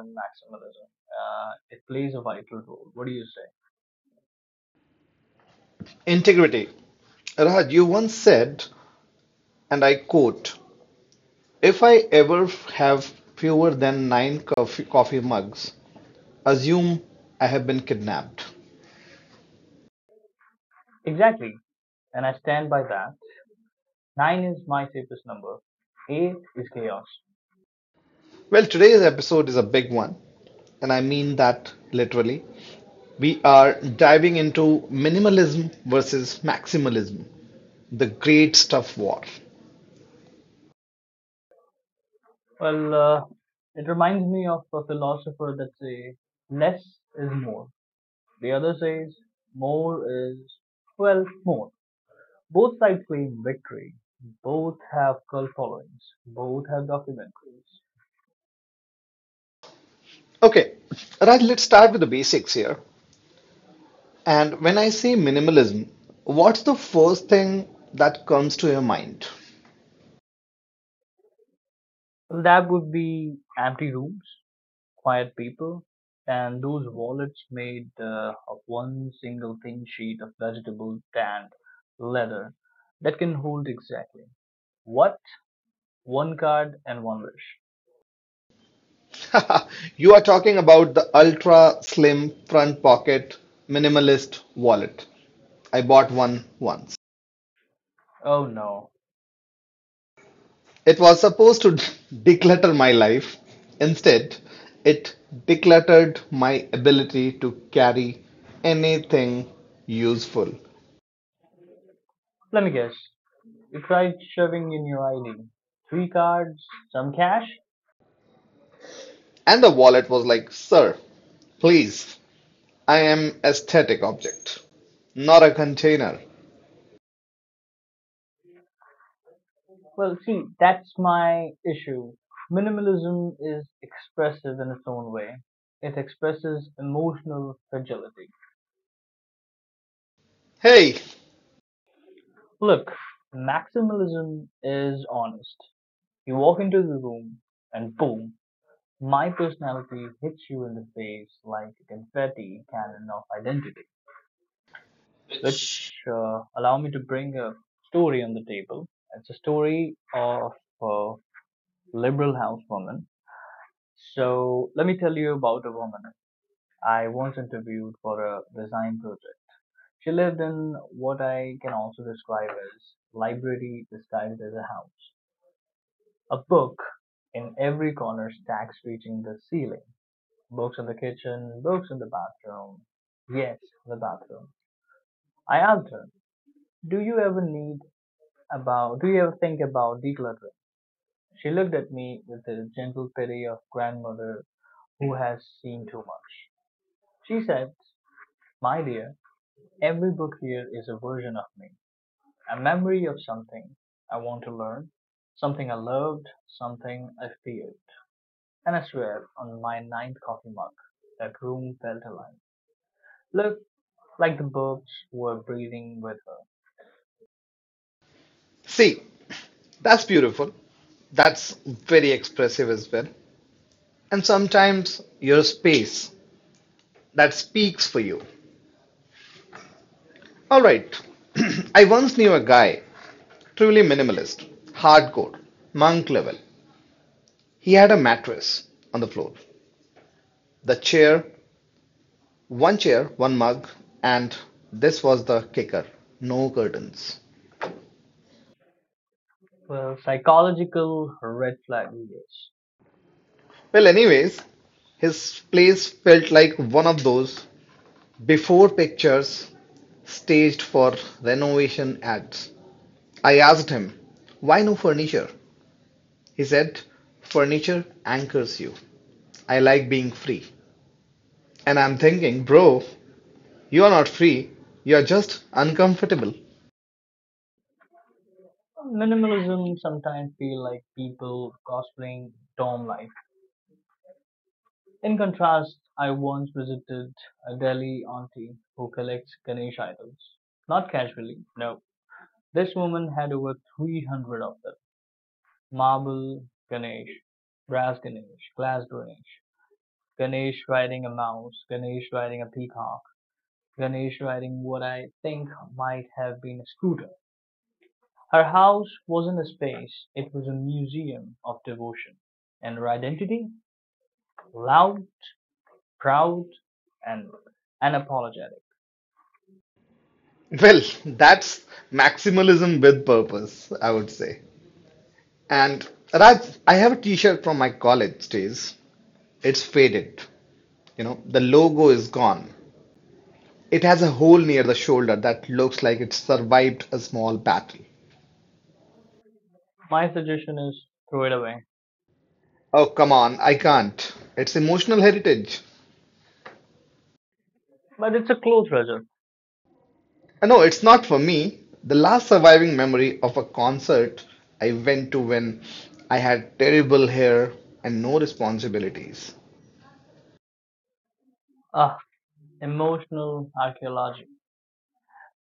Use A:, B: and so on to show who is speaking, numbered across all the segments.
A: And maximalism, it plays a vital role. What do you say?
B: Integrity. Raj, you once said, and I quote, "If I ever have fewer than nine coffee mugs, assume I have been kidnapped."
A: Exactly. And I stand by that. Nine is my safest number, eight is chaos.
B: Well, today's episode is a big one, and I mean that literally. We are diving into minimalism versus maximalism, the great stuff war.
A: Well, it reminds me of a philosopher that say less is more. The other says more is, well, more. Both sides claim victory. Both have cult followings. Both have documentaries.
B: Okay, Raj, let's start with the basics here. And when I say minimalism, what's the first thing that comes to your mind?
A: Well, that would be empty rooms, quiet people, and those wallets made of one single thin sheet of vegetable tanned leather that can hold exactly what? One card and one wish.
B: You are talking about the ultra slim front pocket minimalist wallet. I bought one once.
A: Oh no.
B: It was supposed to declutter my life. Instead, it decluttered my ability to carry anything useful.
A: Let me guess. You tried shoving in your ID. Three cards, some cash?
B: And the wallet was like, "Sir, please, I am aesthetic object, not a container."
A: Well, see, that's my issue. Minimalism is expressive in its own way. It expresses emotional fragility.
B: Hey,
A: Look, maximalism is honest. You walk into the room and boom, my personality hits you in the face like a confetti cannon of identity, which allow me to bring a story on the table. It's a story of a liberal housewoman. So let me tell you about a woman I once interviewed for a design project. She lived in what I can also describe as library disguised as a house. A book in every corner, stacks reaching the ceiling. Books in the kitchen, books in the bathroom. Yes, the bathroom. I asked her, "Do you ever need about? Do you ever think about decluttering?" She looked at me with the gentle pity of grandmother who has seen too much. She said, "My dear, every book here is a version of me. A memory of something I want to learn, something I loved, something I feared. And I swear on my ninth coffee mug, that room felt alive. Looked like the books were breathing with her."
B: see, that's beautiful. That's very expressive as well. And sometimes your space that speaks for you. All right, I once knew a guy, truly minimalist, hardcore, monk level. He had a mattress on the floor, the chair, one mug, and this was the kicker: no curtains.
A: Well, psychological red flag yes.
B: Well, anyways, his place felt like one of those before pictures staged for renovation ads. I asked him, "Why no furniture?" He said, "Furniture anchors you. I like being free." And I'm thinking, bro, you're not free. You're just uncomfortable.
A: Minimalism sometimes feel like people cosplaying dorm life. In contrast, I once visited a Delhi auntie who collects Ganesh idols. Not casually, no. This woman had over 300 of them. Marble Ganesh, brass Ganesh, glass Ganesh, Ganesh riding a mouse, Ganesh riding a peacock, Ganesh riding what I think might have been a scooter. Her house wasn't a space, it was a museum of devotion, and her identity, loud, proud, and unapologetic.
B: Well, that's maximalism with purpose, I would say. And Raj, I have a t-shirt from my college days. It's faded. You know, the logo is gone. It has a hole near the shoulder that looks like it survived a small battle.
A: My suggestion is throw it away.
B: Oh, come on, I can't. It's emotional heritage.
A: But it's a clothes treasure,
B: And no, it's not for me. The last surviving memory of a concert I went to when I had terrible hair and no responsibilities.
A: ah, emotional archaeology.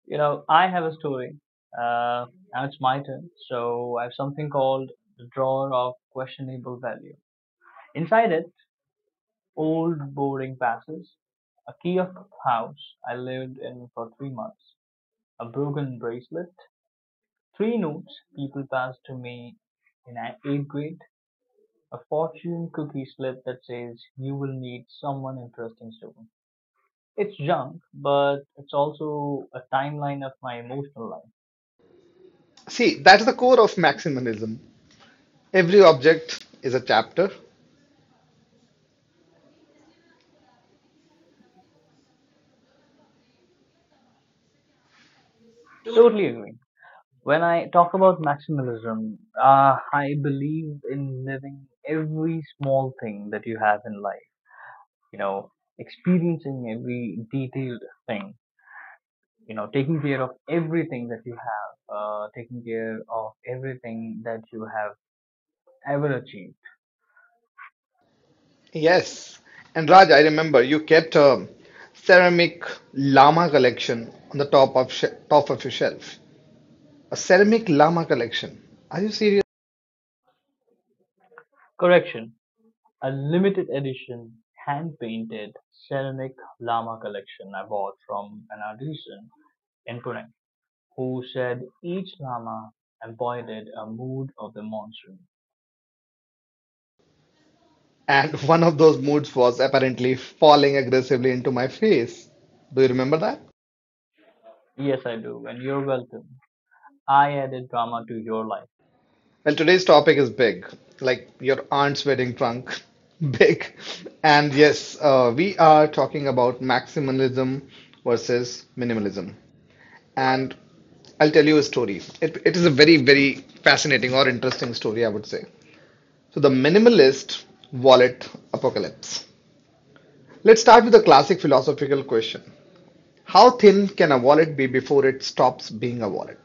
A: You know, I have a story. Uh, now it's my turn. So I have something called the drawer of questionable value. Inside it, old boring passes, a key of house I lived in for 3 months, a broken bracelet, three notes people passed to me in eighth grade, a fortune cookie slip that says you will meet someone interesting soon. It's junk, but it's also a timeline of my emotional life.
B: See, that's the core of maximalism. Every object is a chapter.
A: Totally agree. When I talk about maximalism, I believe in living every small thing that you have in life, you know, experiencing every detailed thing, taking care of everything that you have, taking care of everything that you have ever achieved.
B: Yes. And Raj, I remember you kept a ceramic llama collection on the top of top of your shelf. A ceramic llama collection. Are you serious?
A: Correction: a limited edition hand painted ceramic llama collection I bought from an artisan in Pune, who said each Lama embodied a mood of the monsoon.
B: And one of those moods was apparently falling aggressively into my face. Do you remember that?
A: Yes, I do, and you're welcome. I added drama to your life.
B: Well, today's topic is big, like your aunt's wedding trunk. Big. And yes, we are talking about maximalism versus minimalism. And I'll tell you a story. It is a very, very fascinating or interesting story, I would say. So, the minimalist wallet apocalypse. Let's start with the classic philosophical question: How thin can a wallet be before it stops being a wallet?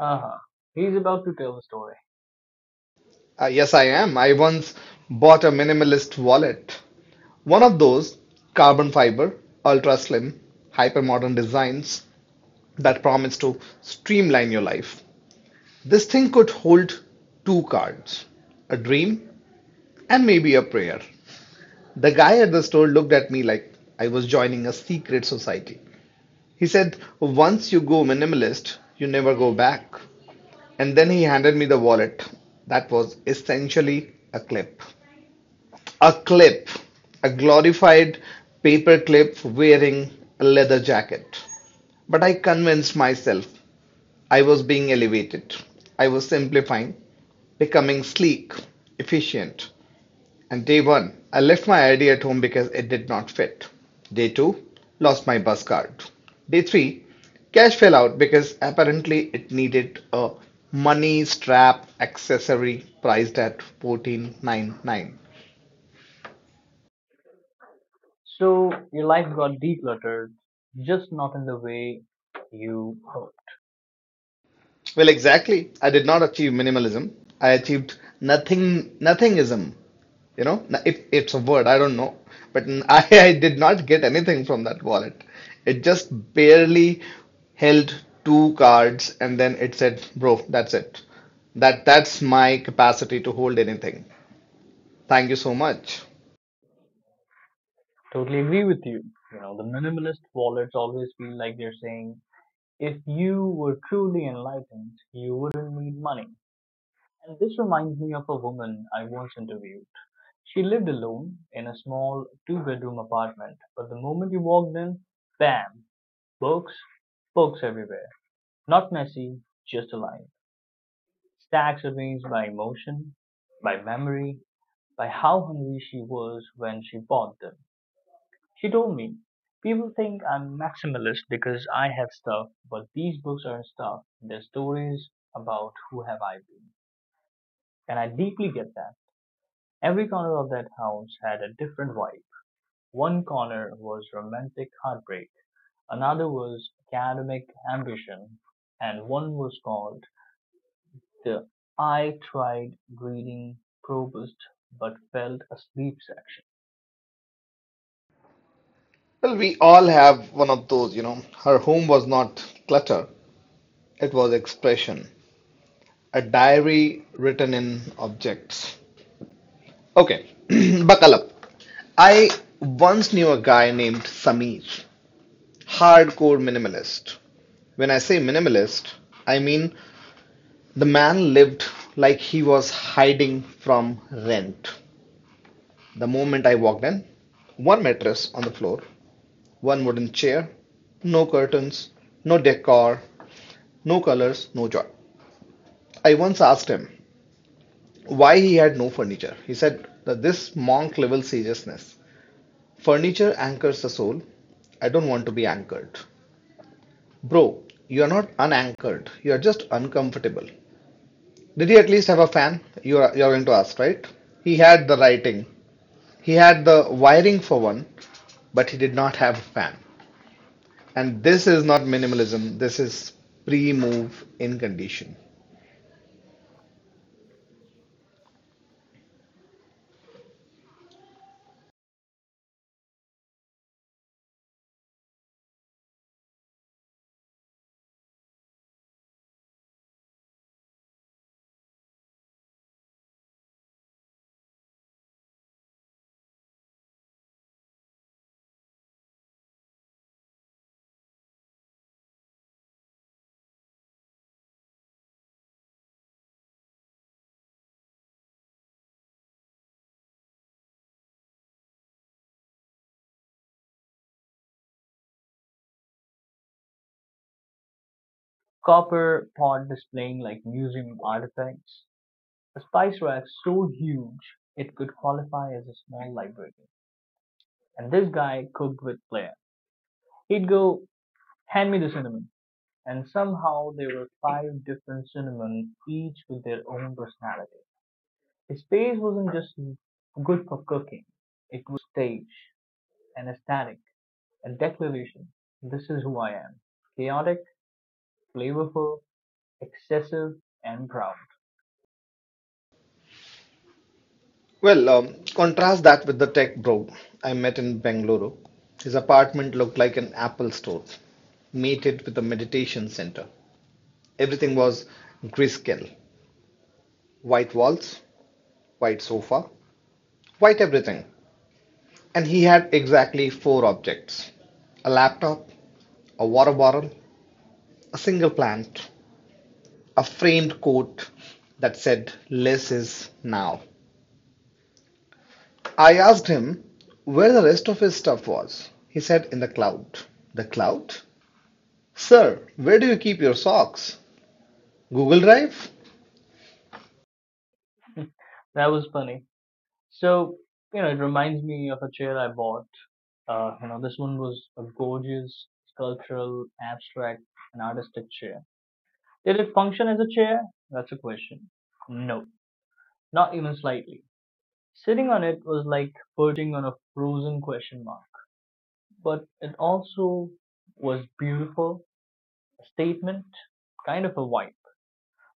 A: Haha, he's about to tell a story.
B: Yes, I am. I once bought a minimalist wallet. One of those carbon fiber, ultra slim, hyper modern designs that promise to streamline your life. This thing could hold two cards, a dream and maybe a prayer. The guy at the store looked at me like I was joining a secret society. He said, "Once you go minimalist, you never go back." And then he handed me the wallet that was essentially a clip. A clip, a glorified paperclip wearing a leather jacket. But I convinced myself I was being elevated. I was simplifying, becoming sleek, efficient. And day one, I left my idea at home because it did not fit. Day two, lost my bus card. Day three, cash fell out because apparently it needed a money strap accessory priced at 14.99.
A: So, your life got decluttered, just not in the way you hoped.
B: Well, exactly. I did not achieve minimalism. I achieved nothing, nothingism. You know, if it's a word, I don't know. But I did not get anything from that wallet. It just barely held two cards, and then it said, "Bro, that's it. That's my capacity to hold anything." Thank you so much.
A: Totally agree with you. You know, the minimalist wallets always feel like they're saying, if you were truly enlightened, you wouldn't need money. And this reminds me of a woman I once interviewed. She lived alone in a small two-bedroom apartment, but the moment you walked in, bam, books, books everywhere. Not messy, just alive. Stacks arranged by emotion, by memory, by how hungry she was when she bought them. She told me, people think I'm maximalist because I have stuff, but these books aren't stuff. They're stories about who have I been. And I deeply get that. Every corner of that house had a different vibe. One corner was romantic heartbreak, another was academic ambition, and one was called the "I tried reading Proust but fell asleep" section.
B: Well, we all have one of those. Her home was not clutter, it was expression, a diary written in objects. Okay, buckle up. I once knew a guy named Sameer, hardcore minimalist. When I say minimalist, I mean the man lived like he was hiding from rent. The moment I walked in, one mattress on the floor, one wooden chair, no curtains, no decor, no colors, no joy. I once asked him why he had no furniture. He said, that this monk level seriousness, "Furniture anchors the soul. I don't want to be anchored." Bro, you're not unanchored. You're just uncomfortable. Did he at least have a fan? You're going to ask, right? He had the writing, he had the wiring for one, but he did not have a fan. And this is not minimalism, this is pre move in condition.
A: Copper pot displaying like museum artifacts. A spice rack so huge it could qualify as a small library. And this guy cooked with flair. He'd go, hand me the cinnamon. And somehow there were five different cinnamon, each with their own personality. His face wasn't just good for cooking, it was staged, an aesthetic, a declaration. This is who I am. Chaotic, flavorful, excessive, and proud.
B: Well, contrast that with the tech bro I met in Bengaluru. His apartment looked like an Apple store, mated with a meditation center. Everything was grayscale: white walls, white sofa, white everything. And he had exactly four objects: a laptop, a water bottle, a single plant, a framed quote that said, "Less is now." I asked him where the rest of his stuff was. He said, "In the cloud." The cloud? Sir, where do you keep your socks? Google Drive?
A: That was funny. So, you know, it reminds me of a chair I bought. This one was a gorgeous, sculptural, abstract, and artistic chair. Did it function as a chair? That's a question. No, not even slightly. Sitting on it was like perching on a frozen question mark. But it also was beautiful, a statement, kind of a vibe.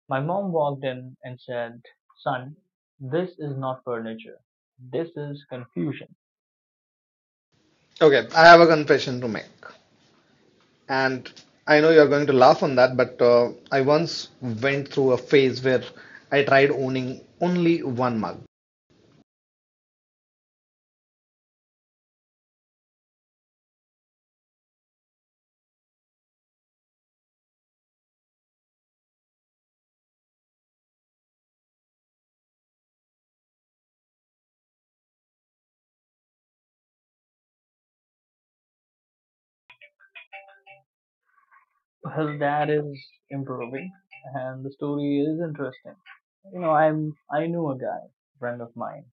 A: My mom walked in and said, "Son, this is not furniture. This is confusion."
B: Okay, I have a confession to make. And I know you're going to laugh on that, but I once went through a phase where I tried owning only one mug.
A: His dad is improving and the story is interesting. You know, I knew a guy, friend of mine.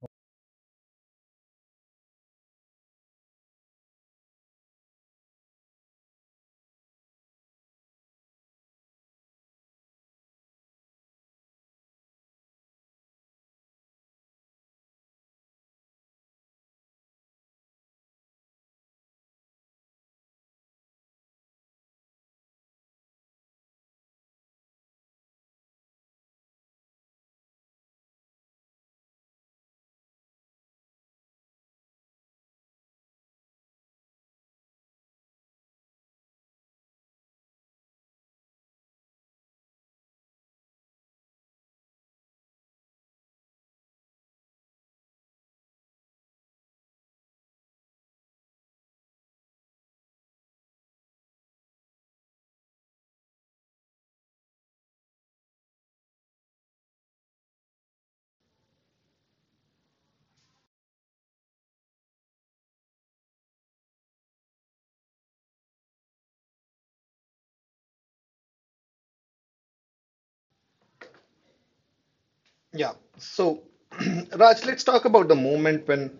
B: Yeah. So, Raj, let's talk about the moment when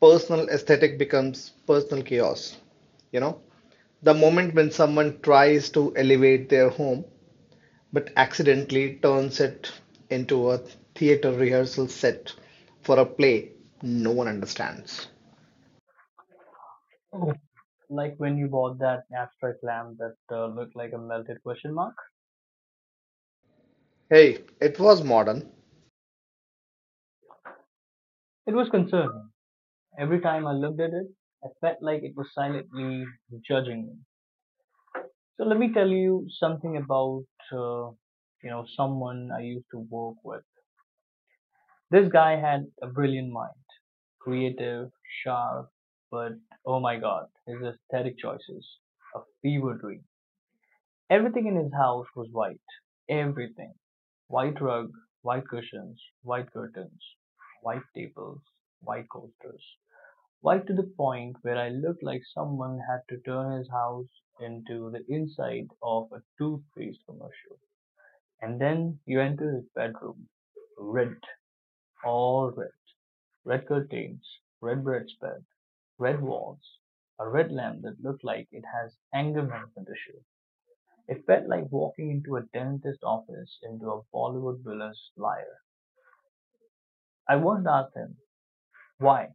B: personal aesthetic becomes personal chaos. You know, the moment when someone tries to elevate their home but accidentally turns it into a theater rehearsal set for a play no one understands.
A: Like when you bought that abstract lamp that looked like a melted question mark,
B: Hey, it was modern.
A: it was concerning. Every time I looked at it, I felt like it was silently judging me. So let me tell you something about uh, someone I used to work with. This guy had a brilliant mind, creative, sharp, but oh my god, his aesthetic choices, a fever dream. Everything in his house was white. Everything. White rug, white cushions, white curtains, white tables, white coasters. White to the point where I looked like someone had to turn his house into the inside of a toothpaste commercial. And then you enter his bedroom, red, all red. Red curtains, red bedspread, red walls, a red lamp that looked like it has anger management issue. It felt like walking into a dentist office into a Bollywood villain's lair. I once asked him why.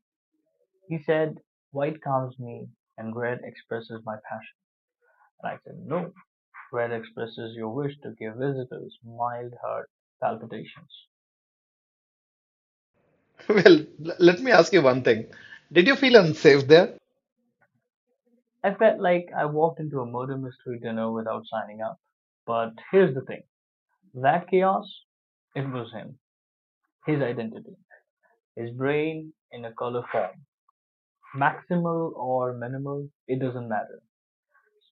A: He said, "White calms me and red expresses my passion." And I said, "No, red expresses your wish to give visitors mild heart palpitations."
B: Well, let me ask you one thing. Did you feel unsafe there?
A: I felt like I walked into a murder mystery dinner without signing up. But here's the thing: that chaos, it was him, his identity, his brain in a color form. Maximal or minimal, it doesn't matter.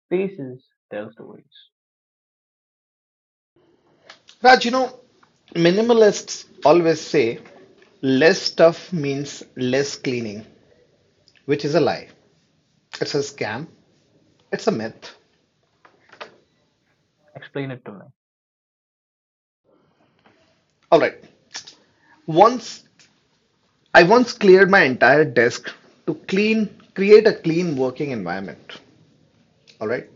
A: Spaces tell stories.
B: Raj, you know, minimalists always say less stuff means less cleaning, which is a lie. It's a scam. It's a myth.
A: Explain it to me.
B: All right. Once I once cleared my entire desk to clean, create a clean working environment. All right.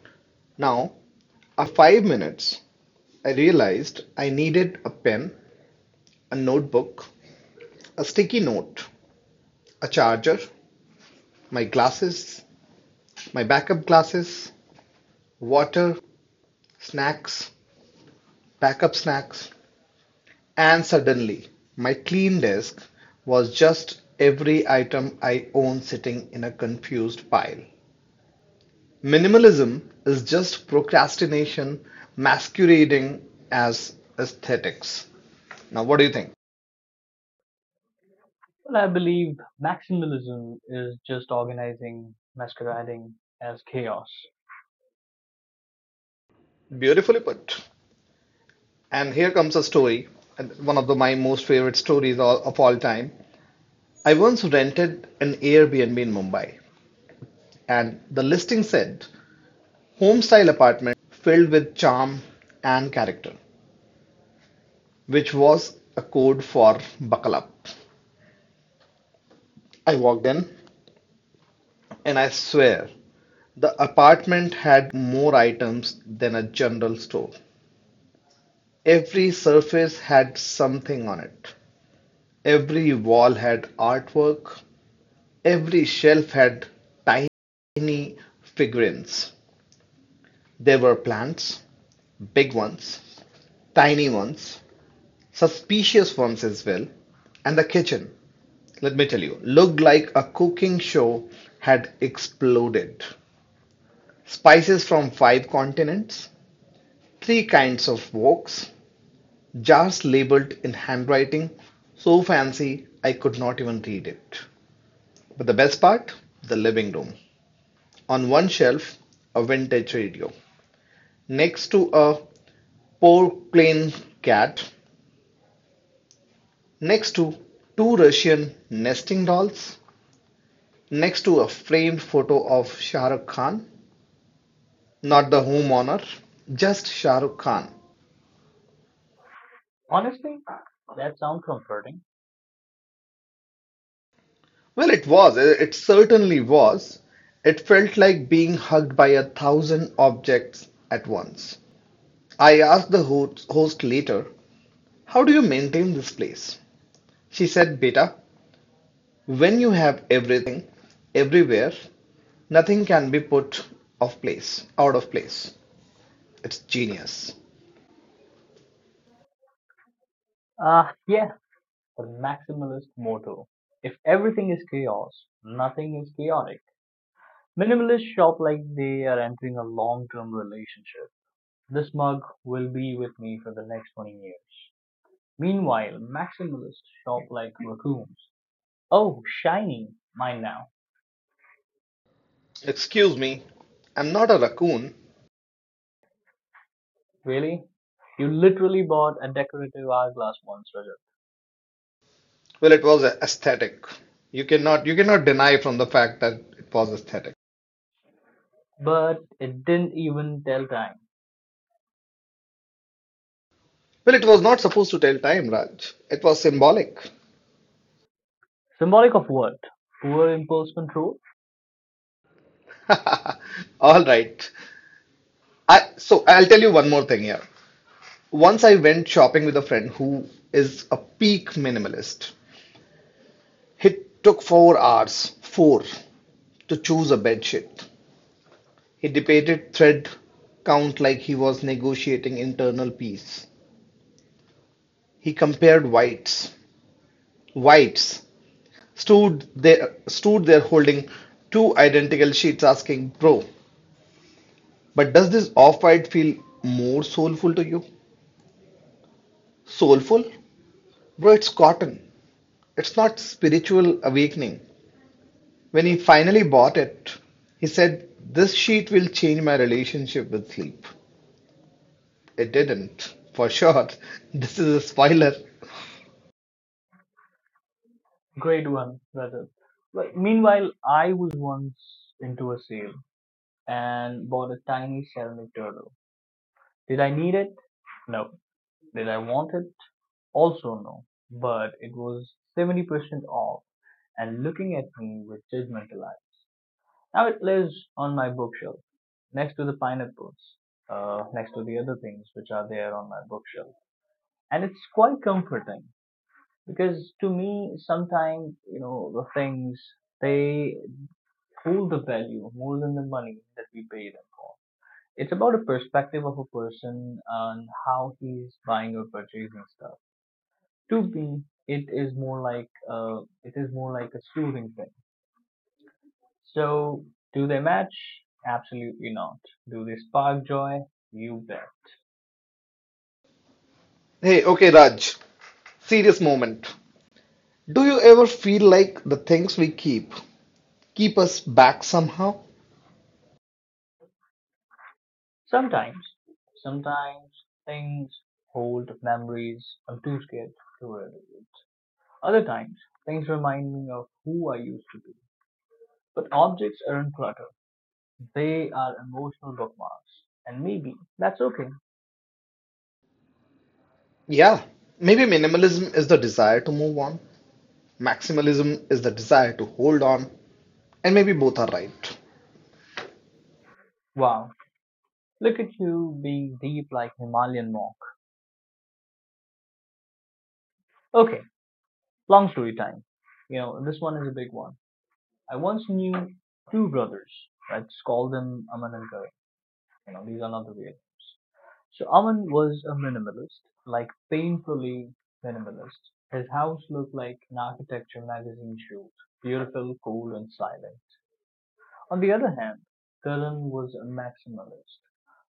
B: Now, 5 minutes, I realized I needed a pen, a notebook, a sticky note, a charger, my glasses, my backup glasses, water, snacks, pack-up snacks, and suddenly my clean desk was just every item I own sitting in a confused pile. Minimalism is just procrastination masquerading as aesthetics. Now, what do you think?
A: Well, I believe maximalism is just organizing, masquerading as chaos.
B: Beautifully put. And here comes a story, my most favorite stories of all time. I once rented an Airbnb in Mumbai, and the listing said home style apartment filled with charm and character, which was a code for buckle up. I walked in and I swear the apartment had more items than a general store. Every surface had something on it. Every wall had artwork. Every shelf had tiny figurines. There were plants, big ones, tiny ones, suspicious ones as well. And the kitchen, let me tell you, looked like a cooking show had exploded. Spices from five continents, three kinds of woks, jars labeled in handwriting so fancy I could not even read it. But the best part, the living room. On one shelf, a vintage radio. Next to a porcelain cat. Next to two Russian nesting dolls. Next to a framed photo of Shah Rukh Khan, not the whom honor, just Shah Rukh Khan.
A: Honestly, that sounds comforting.
B: Well, it was, it certainly was. It felt like being hugged by a thousand objects at once. I asked the host later, "How do you maintain this place?" She said, "Beta, when you have everything, everywhere, nothing can be put off place, out of place." It's genius.
A: Yeah, the maximalist motto. If everything is chaos, nothing is chaotic. Minimalists shop like they are entering a long term relationship. This mug will be with me for the next 20 years. Meanwhile, maximalists shop like raccoons. Oh, shiny! Mine now.
B: Excuse me, I'm not a raccoon.
A: Really? You literally bought a decorative hourglass once, Rajat.
B: Well, it was aesthetic. You cannot deny from the fact that it was aesthetic.
A: But it didn't even tell time.
B: Well, it was not supposed to tell time, Raj. It was symbolic.
A: Symbolic of what? Poor impulse control?
B: All right. I so I'll tell you one more thing here. Once I went shopping with a friend who is a peak minimalist. It took 4 hours, 4, to choose a bed sheet. He debated thread count like he was negotiating internal peace. He compared whites. Whites stood there holding two identical sheets, asking, "Bro, but does this off-white feel more soulful to you?" Soulful? Bro, it's cotton, it's not spiritual awakening. When he finally bought it, he said, "This sheet will change my relationship with sleep." It didn't, for sure. This is a spoiler.
A: Great one, Rajat. But meanwhile, I was once into a sale and bought a tiny ceramic turtle. Did I need it? No. Did I want it? Also no, but it was 70% off and looking at me with judgmental eyes. Now it lives on my bookshelf, next to the pineapples, next to the other things which are there on my bookshelf. And it's quite comforting because to me, sometimes, the things, they hold the value more than the money that we pay them for. It's about a perspective of a person and how he's buying or purchasing stuff. To me, it is more like a soothing thing. So, do they match? Absolutely not. Do they spark joy? You bet.
B: Hey, okay Raj, serious moment. Do you ever feel like the things we keep keep us back somehow?
A: Sometimes, sometimes things hold memories I'm too scared to revisit. Other times, things remind me of who I used to be. But objects aren't clutter; they are emotional bookmarks, and maybe that's okay.
B: Yeah, maybe minimalism is the desire to move on, maximalism is the desire to hold on, and maybe both are right.
A: Wow, look at you being deep like Himalayan monk. Okay, long story time. You know, this one is a big one. I once knew two brothers. Let's call them Aman and Karan. You know, these are not the real names. So Aman was a minimalist, like painfully minimalist. His house looked like an architecture magazine shoot, beautiful, cool, and silent. On the other hand, Karan was a maximalist.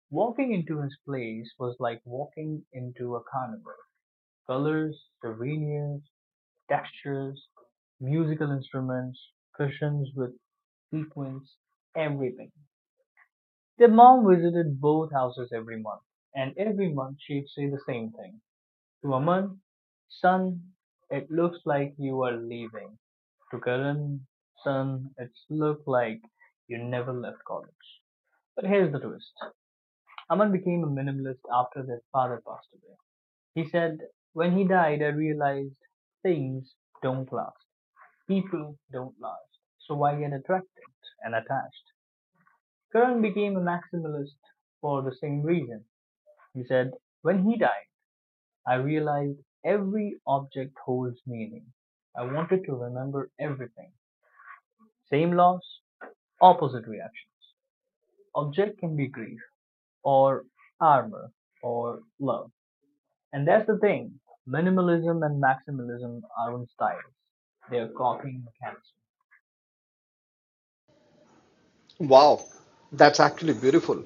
A: Walking into his place was like walking into a carnival. Colors, souvenirs, textures, musical instruments, cushions with sequins, everything. Their mom visited both houses every month, and every month she'd say the same thing. To Aman, "Son, it looks like you are leaving." To Karan, "Son, it's looked like you never left college." But here's the twist: Aman became a minimalist after their father passed away. He said, "When he died, I realized things don't last. People don't last, so I get attracted and attached." Curran became a maximalist for the same reason. He said, "When he died, I realized every object holds meaning. I wanted to remember everything." Same loss, opposite reaction. Object can be grief, or armor, or love. And that's the thing: minimalism and maximalism aren't styles, they're copying mechanisms.
B: Wow, that's actually beautiful.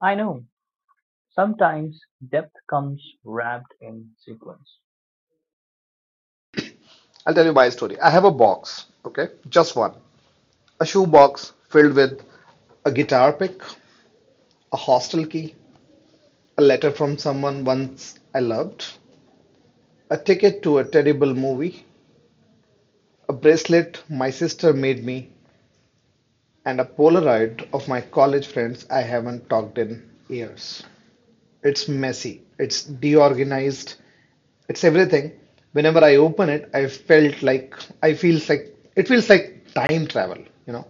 A: I know, sometimes depth comes wrapped in sequence.
B: I'll tell you my story. I have a box, okay, just one, a shoe box filled with a guitar pick, a hostel key, a letter from someone once I loved, a ticket to a terrible movie, a bracelet my sister made me, and a Polaroid of my college friends I haven't talked in years. It's messy, it's deorganized, it's everything. Whenever I open it, I felt like I feels like it feels like time travel, you know.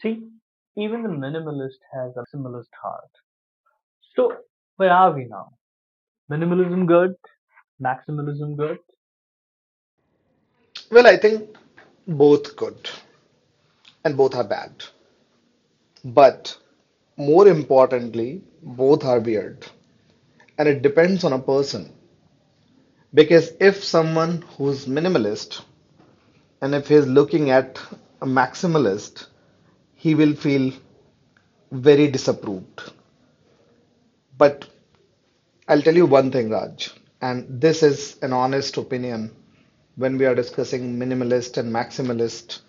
A: See, even the minimalist has a maximalist heart. So, where are we now? Minimalism good, maximalism good,
B: Well, I think both good and both are bad. But more importantly, both are weird. And it depends on a person. Because if someone who's minimalist and if he's looking at a maximalist, he will feel very disapproved. But I'll tell you one thing, Raj, and this is an honest opinion when we are discussing minimalist and maximalist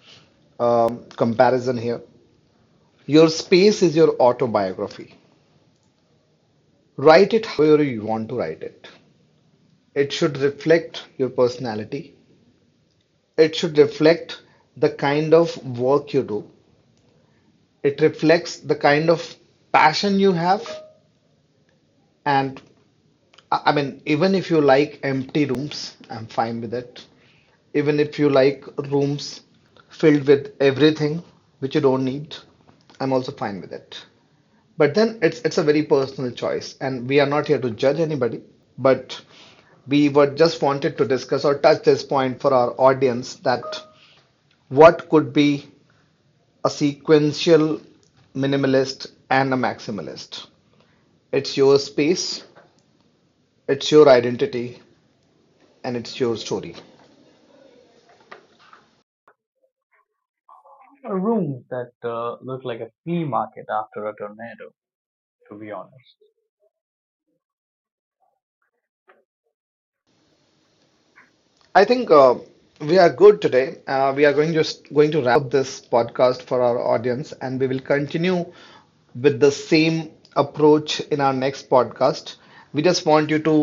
B: comparison here. Your space is your autobiography. Write it however you want to write it. It should reflect your personality. It should reflect the kind of work you do. It reflects the kind of passion you have, and I mean, even if you like empty rooms, I'm fine with it. Even if you like rooms filled with everything which you don't need, I'm also fine with it. But then it's a very personal choice, and we are not here to judge anybody. But we were just wanted to discuss or touch this point for our audience that what could be a sequential minimalist and a maximalist. It's your space, it's your identity, and it's your story.
A: or rooms that look like a flea market after a tornado, to be honest.
B: I think we are good today. We are going just going to wrap up this podcast for our audience, and we will continue with the same approach in our next podcast. We just want you to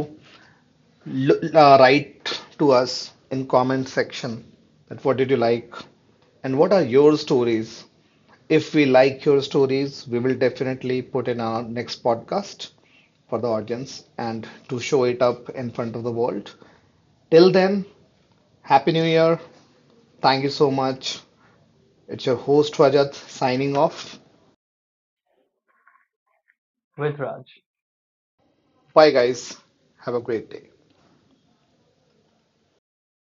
B: write to us in comment section that what did you like and what are your stories. If we like your stories, we will definitely put in our next podcast for the audience and to show it up in front of the world. Till then, Happy New Year. Thank you so much. It's your host Rajat signing off.
A: With Raj.
B: Bye, guys. Have a great day.